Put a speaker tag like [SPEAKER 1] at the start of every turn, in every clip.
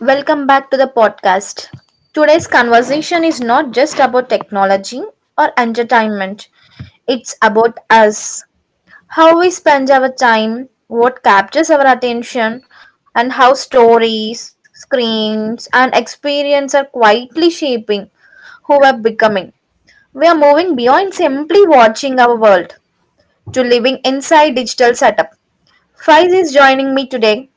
[SPEAKER 1] Welcome back to the podcast. Today's conversation is not just about technology or entertainment, it's about us. How we spend our time, what captures our attention, and how stories, screens, and experience are quietly shaping who we're becoming. We are moving beyond simply watching our world to living inside digital setup. Faiz is joining me today,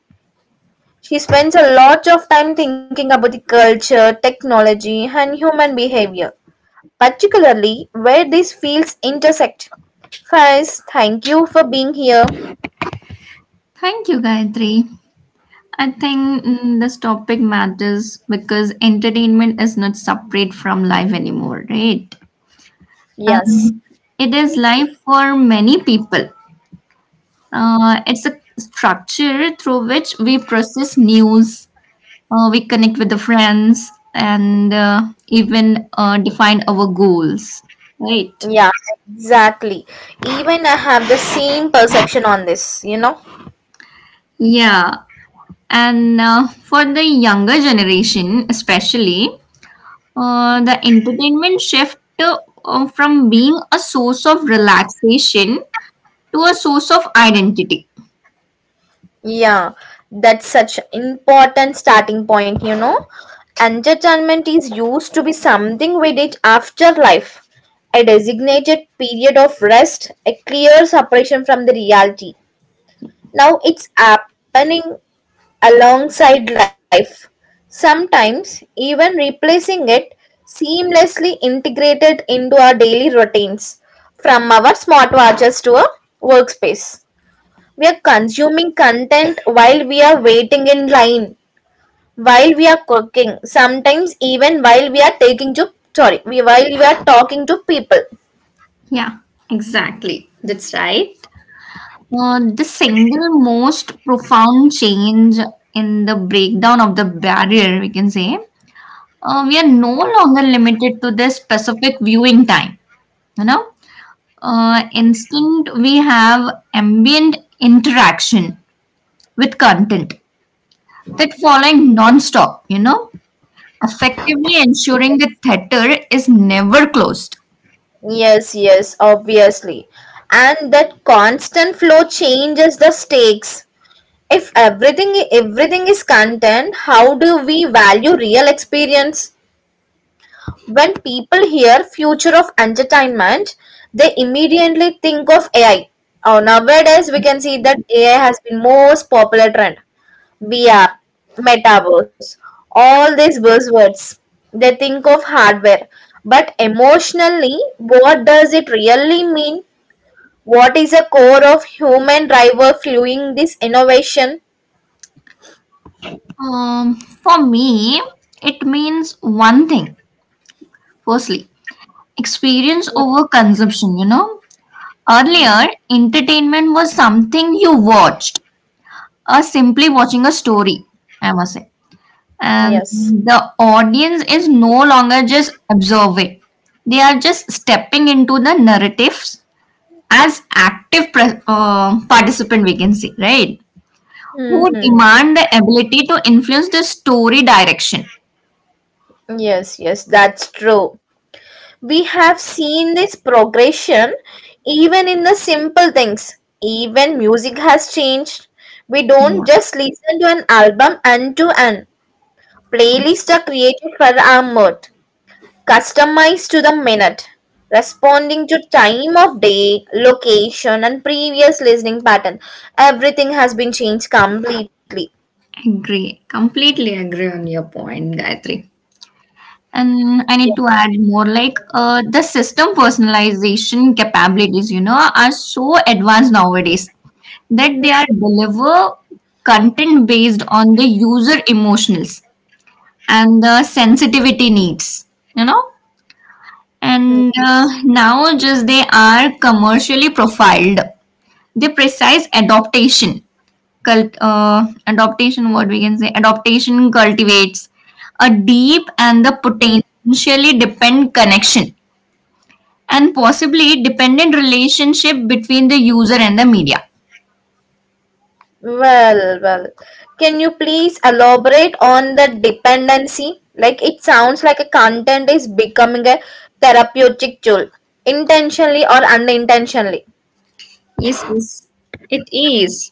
[SPEAKER 1] she spends a lot of time thinking about the culture, technology, and human behavior, particularly where these fields intersect. First, thank you for being here.
[SPEAKER 2] Thank you, Gayatri. I think this topic matters because entertainment is not separate from life anymore, right?
[SPEAKER 1] Yes.
[SPEAKER 2] Um, it is life for many people. It's a structure through which we process news, we connect with the friends, and even define our goals, right?
[SPEAKER 1] Yeah, exactly. Even I have the same perception on this,
[SPEAKER 2] Yeah. And for the younger generation, especially, the entertainment shift from being a source of relaxation to a source of identity.
[SPEAKER 1] Yeah, that's such important starting point, Entertainment is used to be something we did after life, a designated period of rest, a clear separation from the reality. Now it's happening alongside life, sometimes even replacing it seamlessly integrated into our daily routines, from our smartwatches to our workspace. We're consuming content while we're waiting in line, while we are cooking, sometimes even while we are taking to while we are talking to people.
[SPEAKER 2] Yeah, exactly. That's right. The single most profound change in the breakdown of the barrier, we can say, we are no longer limited to this specific viewing time. You know, instant we have ambient interaction with content that following non-stop. You know, effectively ensuring the theater is never closed?
[SPEAKER 1] Yes, yes, obviously. And that constant flow changes the stakes. If everything is content, how do we value real experience? When people hear "future of entertainment", they immediately think of AI. Nowadays, we can see that AI has been most popular trend. VR, metaverse, all these buzzwords. They think of hardware, but emotionally, what does it really mean? What is the core of human driver fueling this innovation?
[SPEAKER 2] For me, it means one thing. Firstly, experience over consumption. You know,
[SPEAKER 1] Hmm.
[SPEAKER 2] earlier entertainment was something you watched or simply watching a story, I must say. And
[SPEAKER 1] Yes.
[SPEAKER 2] the audience is no longer just observing, they are just stepping into the narratives as active participant, we can say, right?
[SPEAKER 1] Hmm.
[SPEAKER 2] who demand the ability to influence the story direction.
[SPEAKER 1] Yes, yes, that's true. We have seen this progression even in the simple things. Even music has changed. We
[SPEAKER 2] Yeah,
[SPEAKER 1] don't just listen to an album end to end.
[SPEAKER 2] abs-
[SPEAKER 1] Playlists are created for our mood, customized to the minute, responding to time of day, location, and previous listening pattern. Everything has been changed completely.
[SPEAKER 2] agree. Completely agree on your point, Gayatri.
[SPEAKER 1] Yeah.
[SPEAKER 2] And I need to add more like the system personalization capabilities, you know, are so advanced nowadays that they are deliver content based on the user emotionals and the sensitivity needs, you know. And now just they are commercially profiled the precise adaptation adaptation what we can say adaptation cultivates a deep and
[SPEAKER 1] Yes.
[SPEAKER 2] the potentially dependent connection and possibly dependent relationship between the user and the media.
[SPEAKER 1] Well, well. Can you please elaborate on the dependency? Like, it sounds like a content is becoming a therapeutic tool, intentionally or unintentionally.
[SPEAKER 2] Yes, yes, it is.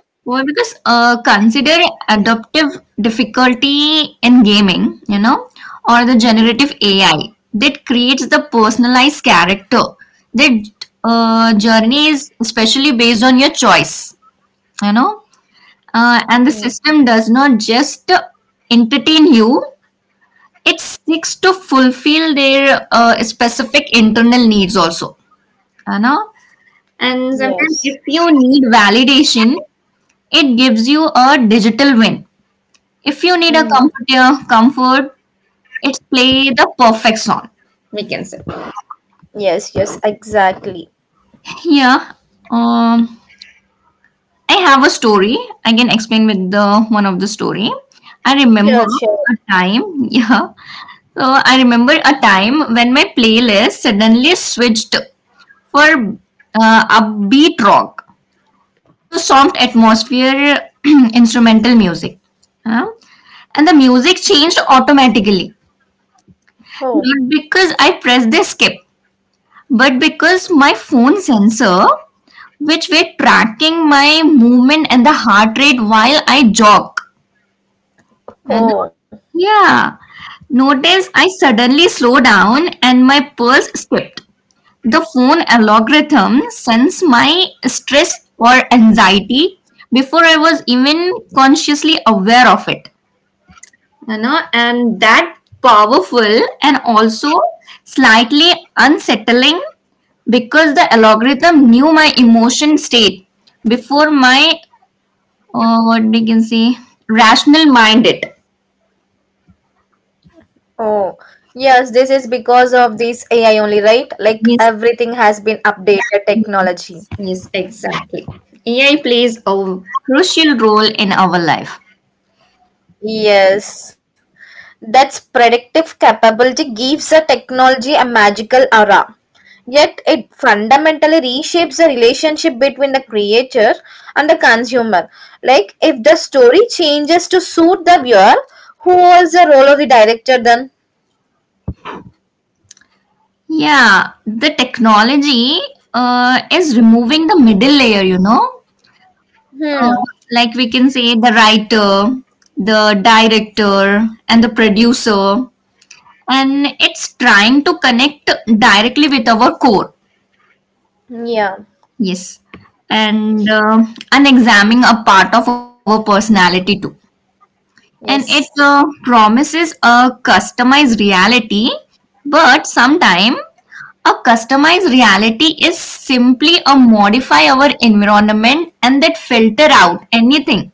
[SPEAKER 2] Well, because consider adaptive difficulty in gaming, you know, or the generative AI that creates the personalized character. That journey is especially based on your choice, you know, and the
[SPEAKER 1] Hmm.
[SPEAKER 2] system does not just entertain you; it seeks to fulfill their specific internal needs also, you know. And sometimes, if you
[SPEAKER 1] Yes.
[SPEAKER 2] need validation it gives you a digital win. If you need a comfort,
[SPEAKER 1] Mm.
[SPEAKER 2] yeah, comfort, it's play the perfect song, we can say.
[SPEAKER 1] Yes, yes, exactly.
[SPEAKER 2] Yeah. Um, I have a story. I can explain with the one of the story. I remember a
[SPEAKER 1] Sure, sure.
[SPEAKER 2] time. Yeah. So I remember a time when my playlist suddenly switched for upbeat rock. To soft atmosphere instrumental music. Huh? And the music changed automatically. Not because
[SPEAKER 1] Oh,
[SPEAKER 2] I pressed the skip, but because my phone sensor, which were tracking my movement and the heart rate while I jog. And
[SPEAKER 1] oh,
[SPEAKER 2] yeah, notice I suddenly slow down and my pulse skipped. The phone algorithm sensed my stress or anxiety before I was even consciously aware of it. You know, and that powerful and also slightly unsettling because the algorithm knew my emotion state before my what we can say rational mind it.
[SPEAKER 1] oh. Yes, this is because of this AI only, right? Like
[SPEAKER 2] Yes,
[SPEAKER 1] everything has been updated technology.
[SPEAKER 2] yes, exactly. AI plays a crucial role in our life.
[SPEAKER 1] Yes. That's predictive capability gives a technology a magical aura. Yet it fundamentally reshapes the relationship between the creator and the consumer. Like if the story changes to suit the viewer, who was the role of the director then?
[SPEAKER 2] Yeah, the technology is removing the middle layer, you know. Uh,
[SPEAKER 1] Hmm.
[SPEAKER 2] like we can say the writer, the director, and the producer. And it's trying to connect directly with our core.
[SPEAKER 1] Yeah.
[SPEAKER 2] Yes. And uh, and examining a part of our personality too. And it
[SPEAKER 1] Yes.
[SPEAKER 2] promises a customized reality, but sometimes a customized reality is simply a modify our environment and that filter out anything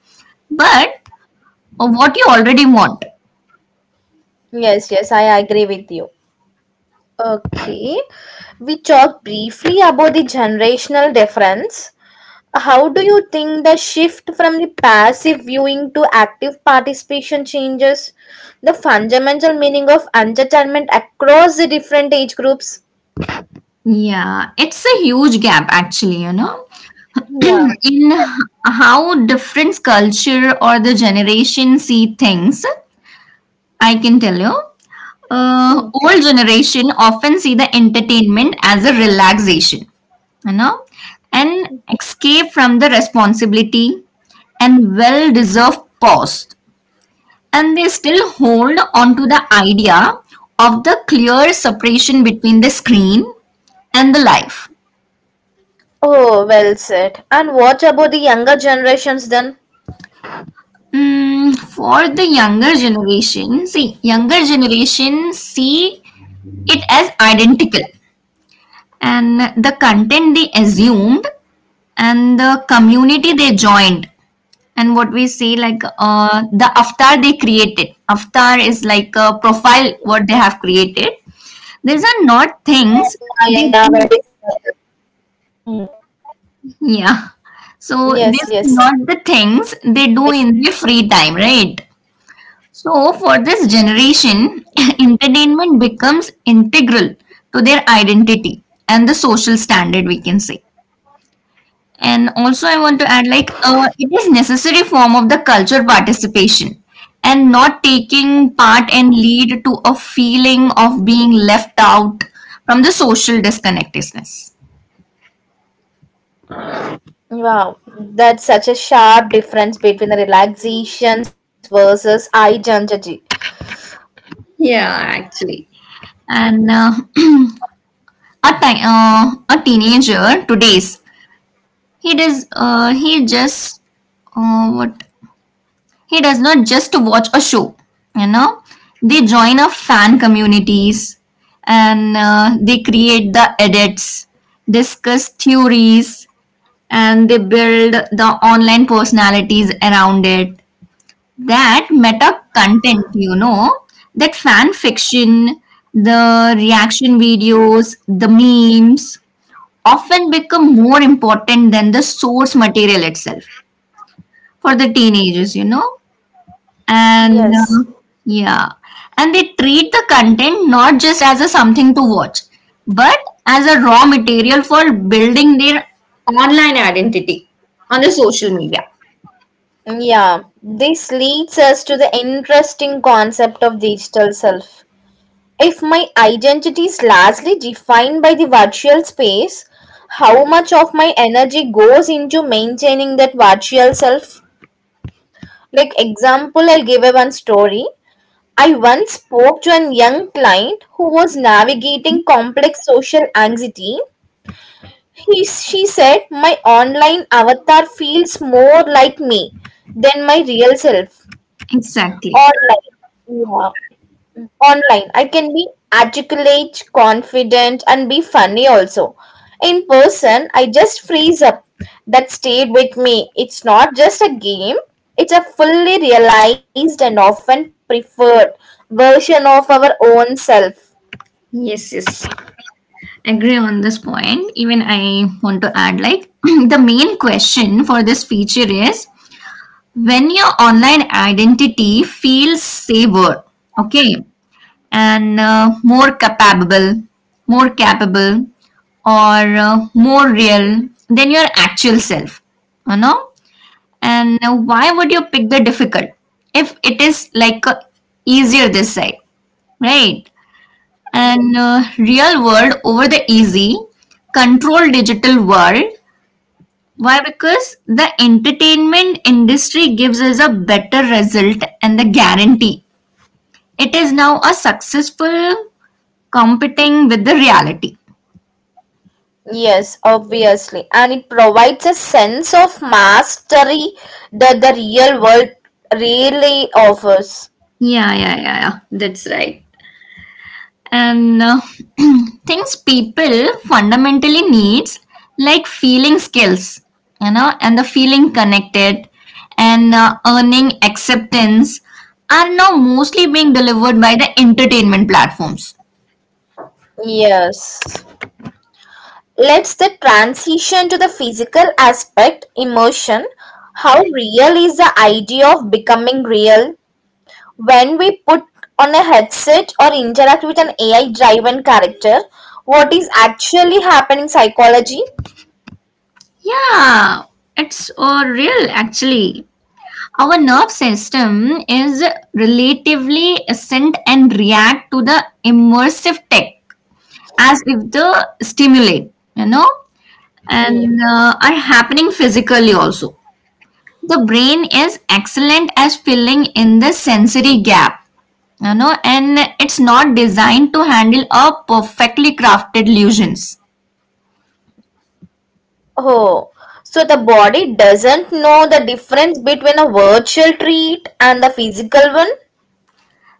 [SPEAKER 2] but what you already want.
[SPEAKER 1] Yes, yes, I agree with you. Okay. We talked briefly about the generational difference. How do you think the shift from the passive viewing to active participation changes the fundamental meaning of entertainment across the different age groups?
[SPEAKER 2] Yeah, it's a huge gap actually, you know,
[SPEAKER 1] Yeah.
[SPEAKER 2] in h- how different culture or the generation see things. I can tell you
[SPEAKER 1] Hmm.
[SPEAKER 2] old generation often see the entertainment as a relaxation, you know, an escape from the responsibility and well deserved pause, and they still hold on to the idea of the clear separation between the screen and the life.
[SPEAKER 1] Oh, well said. And what about the younger generations then?
[SPEAKER 2] For the younger generation see younger generation, see it as identical, and the content they assumed, and the community they joined, and what we see like the avatar they created, avatar is like a profile what they have created.
[SPEAKER 1] Yeah,
[SPEAKER 2] These
[SPEAKER 1] yeah,
[SPEAKER 2] are not
[SPEAKER 1] nowadays.
[SPEAKER 2] things they do.
[SPEAKER 1] Mm. Yes, yes.
[SPEAKER 2] Yeah, so these are not the things they do in their free time, right? So for this generation entertainment becomes integral to their identity and the social standard, we can say. And also, I want to add like it is necessary form of the culture participation, and not taking part and lead to a feeling of being left out from the social disconnectedness.
[SPEAKER 1] Wow, that's such a sharp difference between the relaxations versus identity.
[SPEAKER 2] Yeah, actually. And a teenager today's he does uh, he just uh, what He does not just watch a show, you know, they join a fan communities and they create the edits, discuss theories, and they build the online personalities around it. That meta content, you know, that fan fiction, the reaction videos, the memes often become more important than the source material itself for the teenagers, you know. And
[SPEAKER 1] Yes.
[SPEAKER 2] yeah, and they treat the content not just as a something to watch, but as a raw material for building their online identity on the social media.
[SPEAKER 1] Yeah, this leads us to the interesting concept of digital self. If my identity is largely defined by the virtual space, how much of my energy goes into maintaining that virtual self? Like example, I'll give a one story. I once spoke to a young client who was navigating complex social anxiety. He, she said, my online avatar feels more like me than my real self.
[SPEAKER 2] Exactly.
[SPEAKER 1] Online. Yeah. Online, I can be articulate, confident, and be funny also. In person, I just freeze up. That stayed with me. It's not just a game, it's a fully realized and often preferred version of our own self.
[SPEAKER 2] Yes, yes. Agree on this point. Even I want to add like the main question for this feature is when your online identity feels safer. Okay. And uh, more capable, or more real than your actual self. You know? And why would you pick the difficult if it is like easier this side, right? And real world over the easy, control digital world. Why? Because the entertainment industry gives us a better result and the guarantee. It is now a successful competing with the reality.
[SPEAKER 1] Yes, obviously. And it provides a sense of mastery that the real world really offers.
[SPEAKER 2] Yeah. That's right. And things people fundamentally needs, like feeling skills, you know, and the feeling connected, and earning acceptance are now mostly being delivered by the entertainment platforms.
[SPEAKER 1] Yes. Let's the transition to the physical aspect, immersion. How real is the idea of becoming real? When we put on a headset or interact with an AI driven character, what is actually happening psychology?
[SPEAKER 2] Yeah, it's real actually. Our nerve system is relatively assent and react to the immersive tech as if the stimulate, you know,
[SPEAKER 1] Yeah.
[SPEAKER 2] and are happening physically also. The brain is excellent as filling in the sensory gap, you know, and it's not designed to handle a perfectly crafted illusions.
[SPEAKER 1] Oh, so the body doesn't know the difference between a virtual treat and the physical one?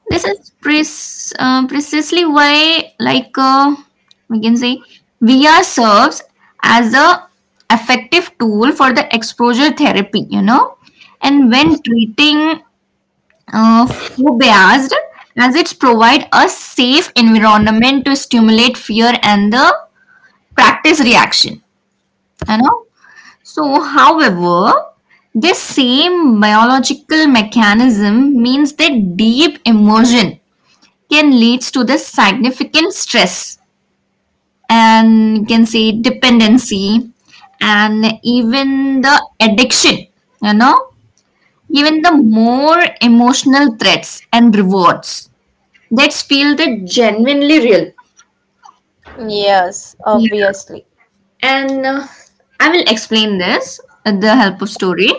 [SPEAKER 2] This is precisely why like we can say VR serves as a effective tool for the exposure therapy, you know, and when treating food based as it's provide a safe environment to stimulate fear and the practice reaction, you know. So however, this same biological mechanism means that deep immersion can leads to the significant stress and you can say dependency, and even the addiction, you know, even the more emotional threats and rewards that feel that genuinely real.
[SPEAKER 1] Yes,
[SPEAKER 2] Yeah.
[SPEAKER 1] obviously.
[SPEAKER 2] And I will explain this with the help of story.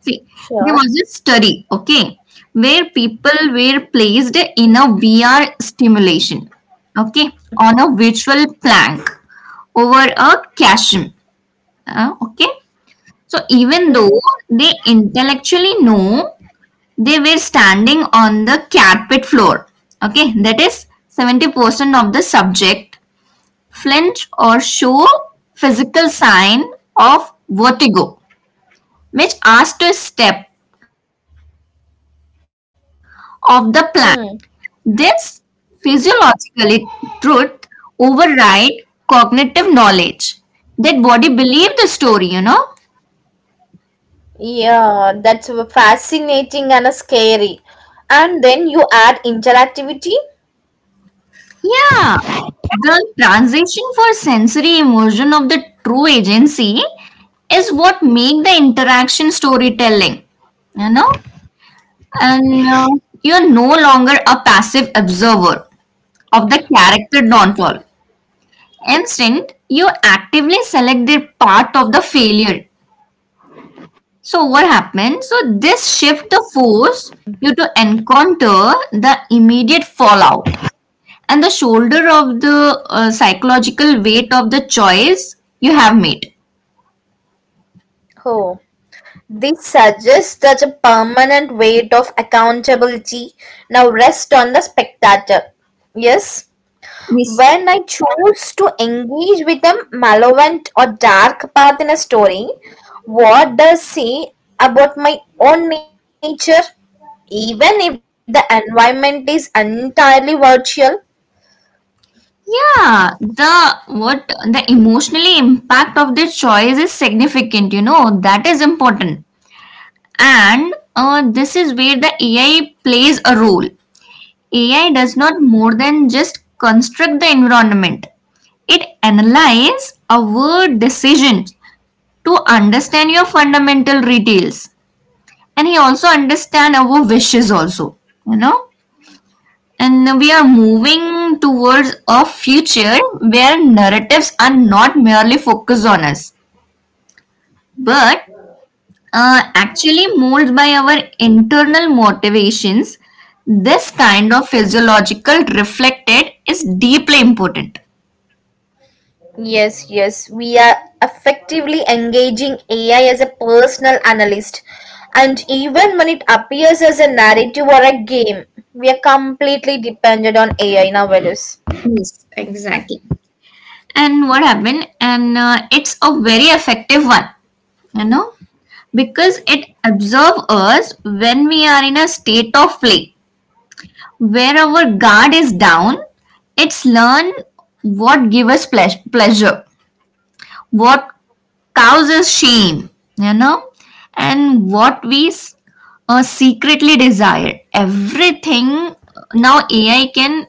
[SPEAKER 2] See, there was
[SPEAKER 1] Sure.
[SPEAKER 2] a study, okay, where people were placed in a VR stimulation, okay, on a virtual plank over a cushion, okay. So even though
[SPEAKER 1] Hmm.
[SPEAKER 2] they intellectually know they were standing on the carpet floor, okay, that is 70% of the subject flinch or show physical sign of vertigo, which asked to a step of the plan.
[SPEAKER 1] Hmm.
[SPEAKER 2] This physiological truth override cognitive knowledge. That body believe the story, you know?
[SPEAKER 1] Yeah, that's fascinating and scary. And then you add interactivity.
[SPEAKER 2] Yeah. The transition for sensory immersion of the true agency is what make the interaction storytelling, you know, and you're no longer a passive observer of the character downfall. Instead, you actively select the part of the failure. So what happens? So this shift the force you to encounter the immediate fallout and the shoulder of the psychological weight of the choice you have made.
[SPEAKER 1] Oh, this suggests that a permanent weight of accountability now rests on the spectator. Yes,
[SPEAKER 2] Yes.
[SPEAKER 1] when I choose to engage with a malevolent or dark path in a story, what does say about my own nature, even if the environment is entirely virtual?
[SPEAKER 2] Yeah, the what the emotionally impact of the choice is significant, you know, that is important. And this is where the AI plays a role. AI does not more than just construct the environment. It analyzes our decisions to understand your fundamental details. And he also understands our wishes also, you know. And we are moving towards a future where narratives are not merely focused on us, but actually molded by our internal motivations, this kind of physiological reflected is deeply important.
[SPEAKER 1] Yes, yes, we are effectively engaging AI as a personal analyst. And even when it appears as a narrative or a game, we are completely dependent on AI nowadays.
[SPEAKER 2] Yes, exactly. And what happened? And it's a very effective one, you know, because it observes us when we are in a state of play where our guard is down. It's learn what give us pleasure, what causes shame, you know, and what we secretly desire. Everything now AI can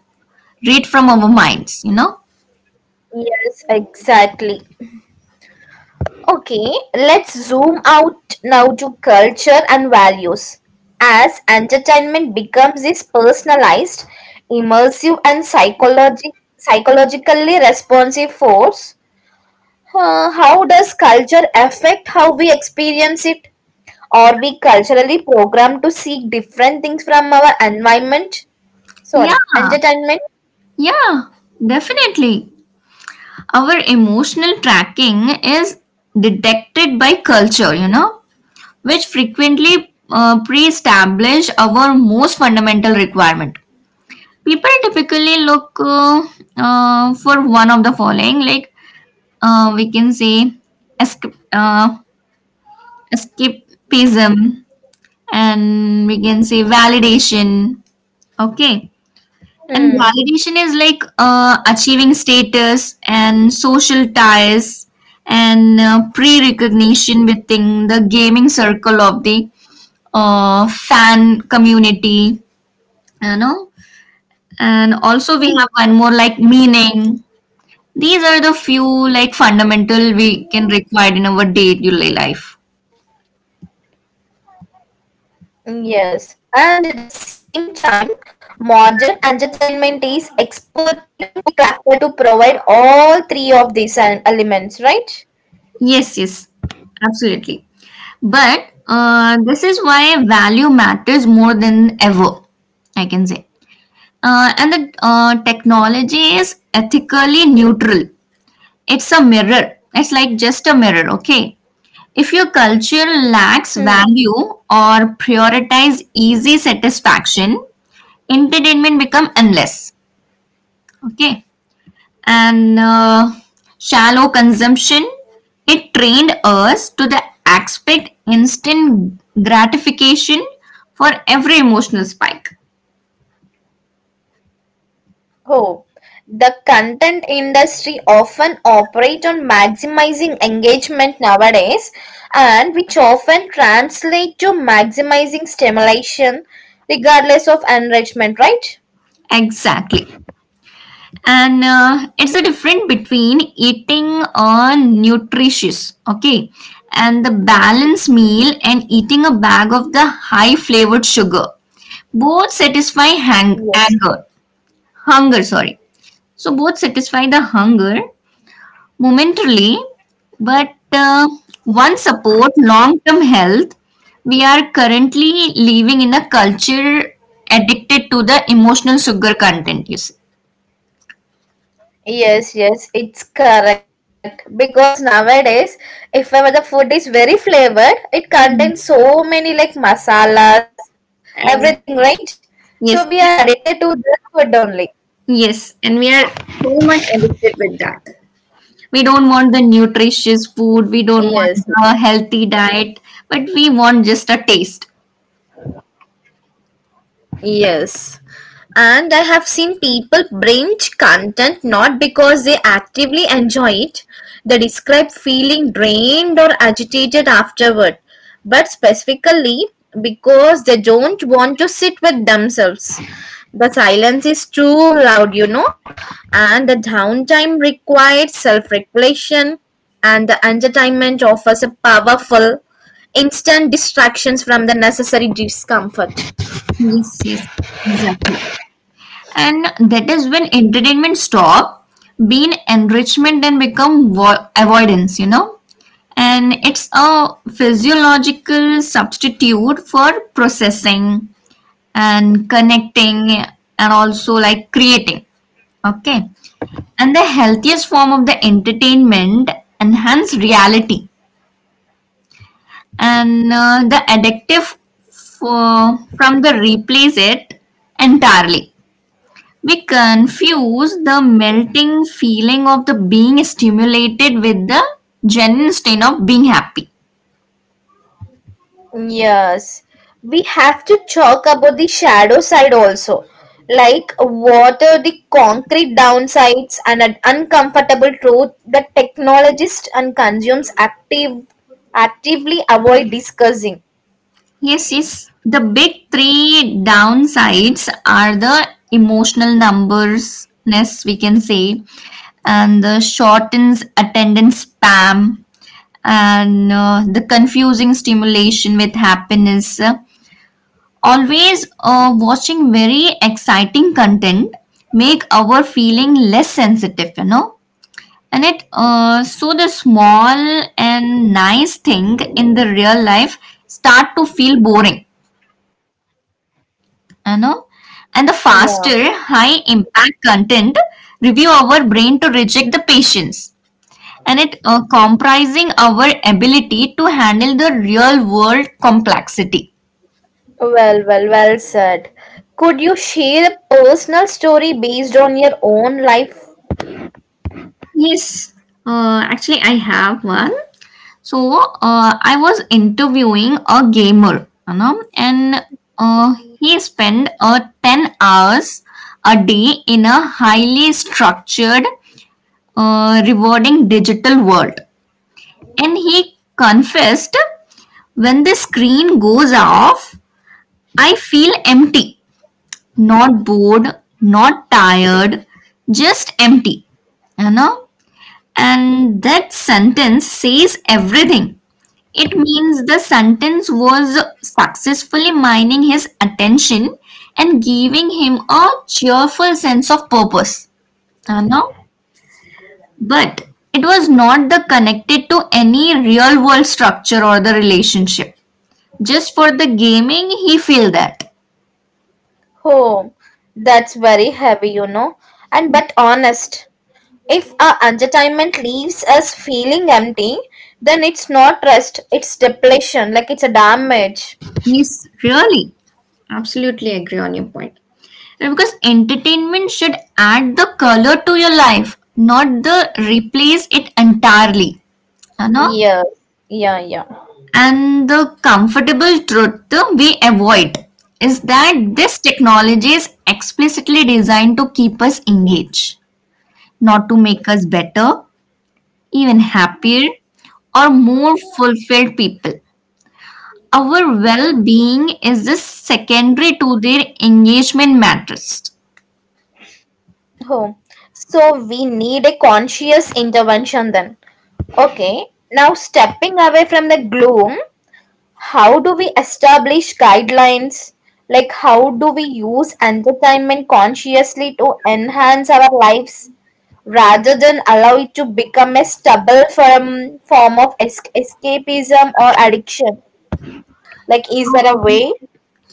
[SPEAKER 2] read from our minds, you know.
[SPEAKER 1] Yes, exactly. Okay, let's zoom out now to culture and values. As entertainment becomes this personalized, immersive, and psychologically responsive force, how does culture affect how we experience it? Are we culturally programmed to seek different things from our environment? Sorry,
[SPEAKER 2] Yeah,
[SPEAKER 1] entertainment?
[SPEAKER 2] yeah, definitely. Our emotional tracking is detected by culture, you know, which frequently pre establish our most fundamental requirement. People typically look for one of the following like we can say esca- uh, escapism, and we can say validation, okay,
[SPEAKER 1] Hmm.
[SPEAKER 2] and validation is like achieving status and social ties and pre-recognition within the gaming circle of the fan community, you know. And also we have one more like meaning. These are the few like fundamental we can require in our day-to-day life.
[SPEAKER 1] Yes. And at the same time, modern entertainment is expertly crafted to provide all three of these elements, right?
[SPEAKER 2] Yes, yes, absolutely. But this is why value matters more than ever, I can say. And the technology is ethically neutral. It's a mirror. It's like just a mirror, okay? If your culture lacks
[SPEAKER 1] Hmm.
[SPEAKER 2] value or prioritize easy satisfaction, entertainment become endless. Okay, and shallow consumption, it trained us to the expect instant gratification for every emotional spike.
[SPEAKER 1] Oh, the content industry often operate on maximizing engagement nowadays and which often translate to maximizing stimulation regardless of enrichment, right?
[SPEAKER 2] Exactly. and it's the difference between eating a nutritious, okay, and the balanced meal and eating a bag of the high flavored sugar. Both satisfy anger,
[SPEAKER 1] Yes.
[SPEAKER 2] hunger, sorry. So both satisfy the hunger momentarily, but one support long term health. We are currently living in a culture addicted to the emotional sugar content, you see.
[SPEAKER 1] Yes, yes, it's correct. Because nowadays, if ever the food is very flavored, it contains so many like masalas,
[SPEAKER 2] Ex-
[SPEAKER 1] everything, right? So we
[SPEAKER 2] Yes,
[SPEAKER 1] are addicted to this food only.
[SPEAKER 2] yes, and we are so much addicted with that. We don't want the nutritious food, we
[SPEAKER 1] Yes.
[SPEAKER 2] don't want the healthy diet, but we want just a taste.
[SPEAKER 1] Yes. And I have seen people binge content not because they actively enjoy it, they describe feeling drained or agitated afterward, but specifically because they don't want to sit with themselves. The silence is too loud, and the downtime requires self regulation, and the entertainment offers a powerful, instant distractions from the necessary discomfort.
[SPEAKER 2] Yes, yes, exactly. And that is when entertainment stop being enrichment and become avoidance, you know, and it's a physiological substitute for processing and connecting and also like creating, okay. And the healthiest form of the entertainment enhance reality, and the addictive from the replace it entirely. We confuse the melting feeling of the being stimulated with the genuine state of being happy.
[SPEAKER 1] Yes, we have to talk about the shadow side also. Like, what are the concrete downsides and an uncomfortable truth that technologists and consumers actively avoid discussing?
[SPEAKER 2] Yes, yes. The big three downsides are the emotional numbersness, we can say, and the shortens attendance spam, and the confusing stimulation with happiness. Always watching very exciting content make our feeling less sensitive, you know. And it so the small and nice thing in the real life start to feel boring, you know. And the faster, high
[SPEAKER 1] Yeah.
[SPEAKER 2] impact content review our brain to reject the patience. And it comprising our ability to handle the real world complexity.
[SPEAKER 1] Well, well, well said. Could you share a personal story based on your own life?
[SPEAKER 2] Yes, actually, I have one. So I was interviewing a gamer, you know, and he spent 10 hours a day in a highly structured, rewarding digital world. And he confessed, when the screen goes off, I feel empty, not bored, not tired, just empty, you know. And that sentence says everything. It means the sentence was successfully mining his attention and giving him a cheerful sense of purpose. No? But it was not the connected to any real world structure or the relationship. Just for the gaming, he feel that.
[SPEAKER 1] Oh, that's very heavy, and but honest. If our entertainment leaves us feeling empty, then it's not rest, it's depletion, like it's a damage.
[SPEAKER 2] Yes, really. Absolutely agree on your point. Because entertainment should add the color to your life, not the replace it entirely. You know?
[SPEAKER 1] Yes, yeah, yeah.
[SPEAKER 2] And the comfortable truth we avoid is that this technology is explicitly designed to keep us engaged, not to make us better, even happier, or more fulfilled people. Our well being is the secondary to their engagement matters.
[SPEAKER 1] Oh. So we need a conscious intervention then. Okay, now stepping away from the gloom, how do we establish guidelines? Like, how do we use entertainment consciously to enhance our lives, rather than allow it to become a stubble for a form of escapism or addiction. Like, is there a way?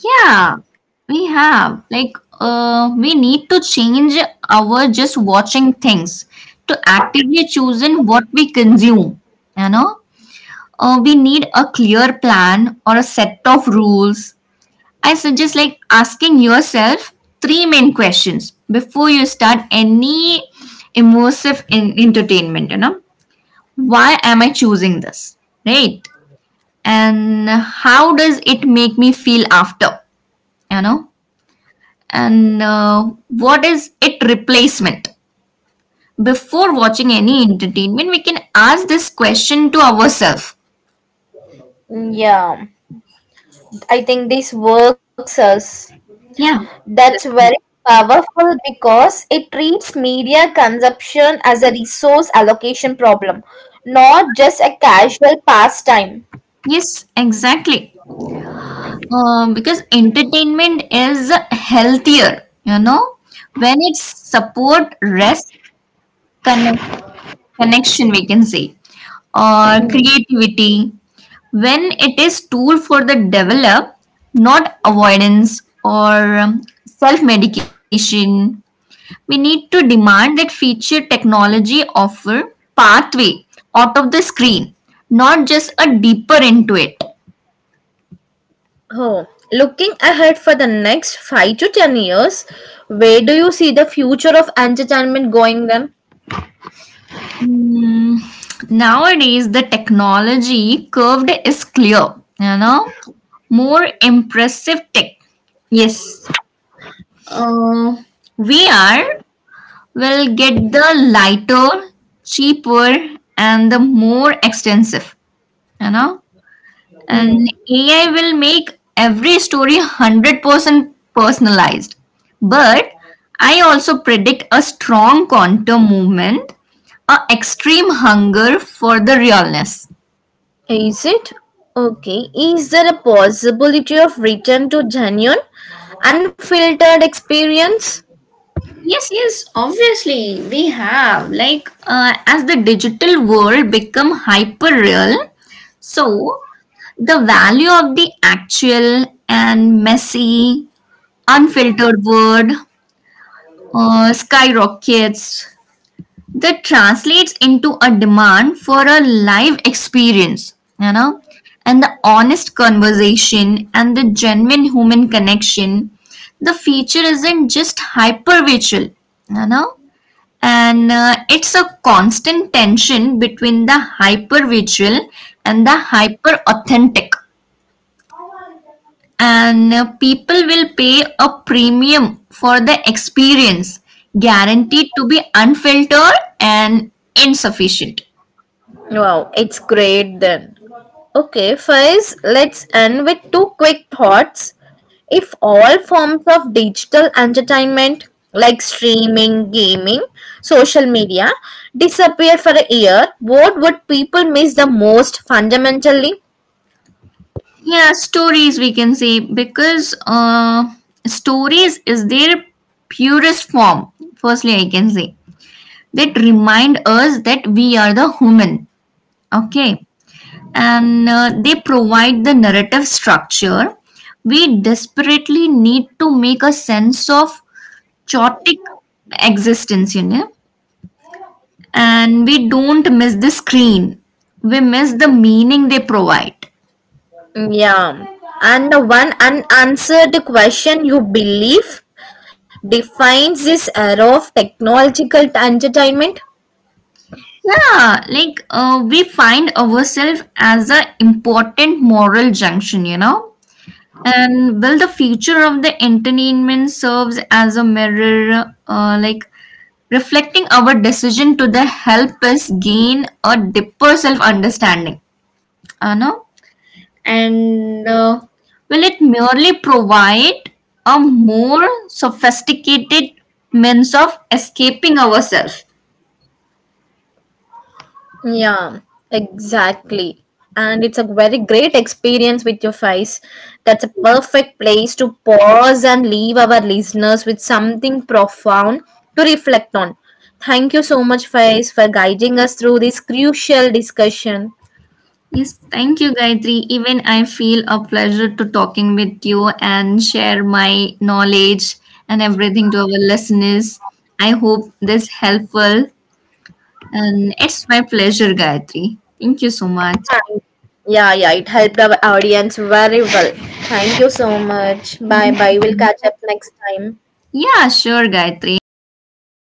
[SPEAKER 2] Yeah, we have. Like, we need to change our just watching things to actively choosing what we consume. You know, we need a clear plan or a set of rules. I suggest like asking yourself three main questions before you start any immersive in entertainment. You know, why am I choosing this? Right, and how does it make me feel after? You know, and what is it replacement. Before watching any entertainment we can ask this question to ourselves.
[SPEAKER 1] Mm. Yeah, I think this works us.
[SPEAKER 2] Yeah.
[SPEAKER 1] That's very powerful because it treats media consumption as a resource allocation problem, not just a casual pastime.
[SPEAKER 2] Yes, exactly. Because entertainment is healthier, you know, when it's support rest, connect, connection we can say, or creativity, when it is tool for the develop, not avoidance or self medication. We need to demand that feature technology offer pathway out of the screen, not just a deeper into it.
[SPEAKER 1] Oh, looking ahead for the next 5 to 10 years, where do you see the future of entertainment going then?
[SPEAKER 2] Hmm, nowadays the technology curved is clear, you know. More impressive tech, yes. uh, VR will get the lighter, cheaper, and the more extensive, you know. And AI will make every story 100% personalized. But I also predict a strong counter movement, a extreme hunger for the realness.
[SPEAKER 1] Is it? Okay. Is there a possibility of return to genuine, unfiltered experience?
[SPEAKER 2] Yes, yes, obviously we have. Like as the digital world become hyper real, so the value of the actual and messy, unfiltered word skyrockets. That translates into a demand for a live experience, you know, and the honest conversation and the genuine human connection. The feature isn't just hyper virtual, you know, and it's a constant tension between the hyper virtual and the hyper authentic. And people will pay a premium for the experience, guaranteed to be unfiltered and insufficient.
[SPEAKER 1] Wow, it's great then. Okay, first, let's end with two quick thoughts. If all forms of digital entertainment like streaming, gaming, social media disappeared for a year, what would people miss the most fundamentally?
[SPEAKER 2] Yeah, stories we can say. Because stories is their purest form, firstly I can say, that remind us that we are the human, okay. and they provide the narrative structure we desperately need to make a sense of chaotic existence, you know. And we don't miss the screen, we miss the meaning they provide.
[SPEAKER 1] Mm. Yeah. And the one unanswered question you believe defines this era of technological entertainment.
[SPEAKER 2] Yeah, like we find ourselves as an important moral junction, you know. And will the future of the entertainment serves as a mirror, like reflecting our decision to the help us gain a deeper self understanding, you know. And will it merely provide a more sophisticated means of escaping ourselves?
[SPEAKER 1] Yeah, exactly. And it's a very great experience with your face. That's a perfect place to pause and leave our listeners with something profound to reflect on. Thank you so much, Faiz, for guiding us through this crucial discussion.
[SPEAKER 2] Yes, thank you, Gayatri. Even I feel a pleasure to talking with you and share my knowledge and everything to our listeners. I hope this helpful, and it's my pleasure, Gayatri. Thank you so much.
[SPEAKER 1] Yeah, yeah, it helped our audience very well. Thank you so much. Bye
[SPEAKER 2] Thank-
[SPEAKER 1] bye. We'll catch up next time.
[SPEAKER 2] Yeah, sure, Gayatri. I will wait for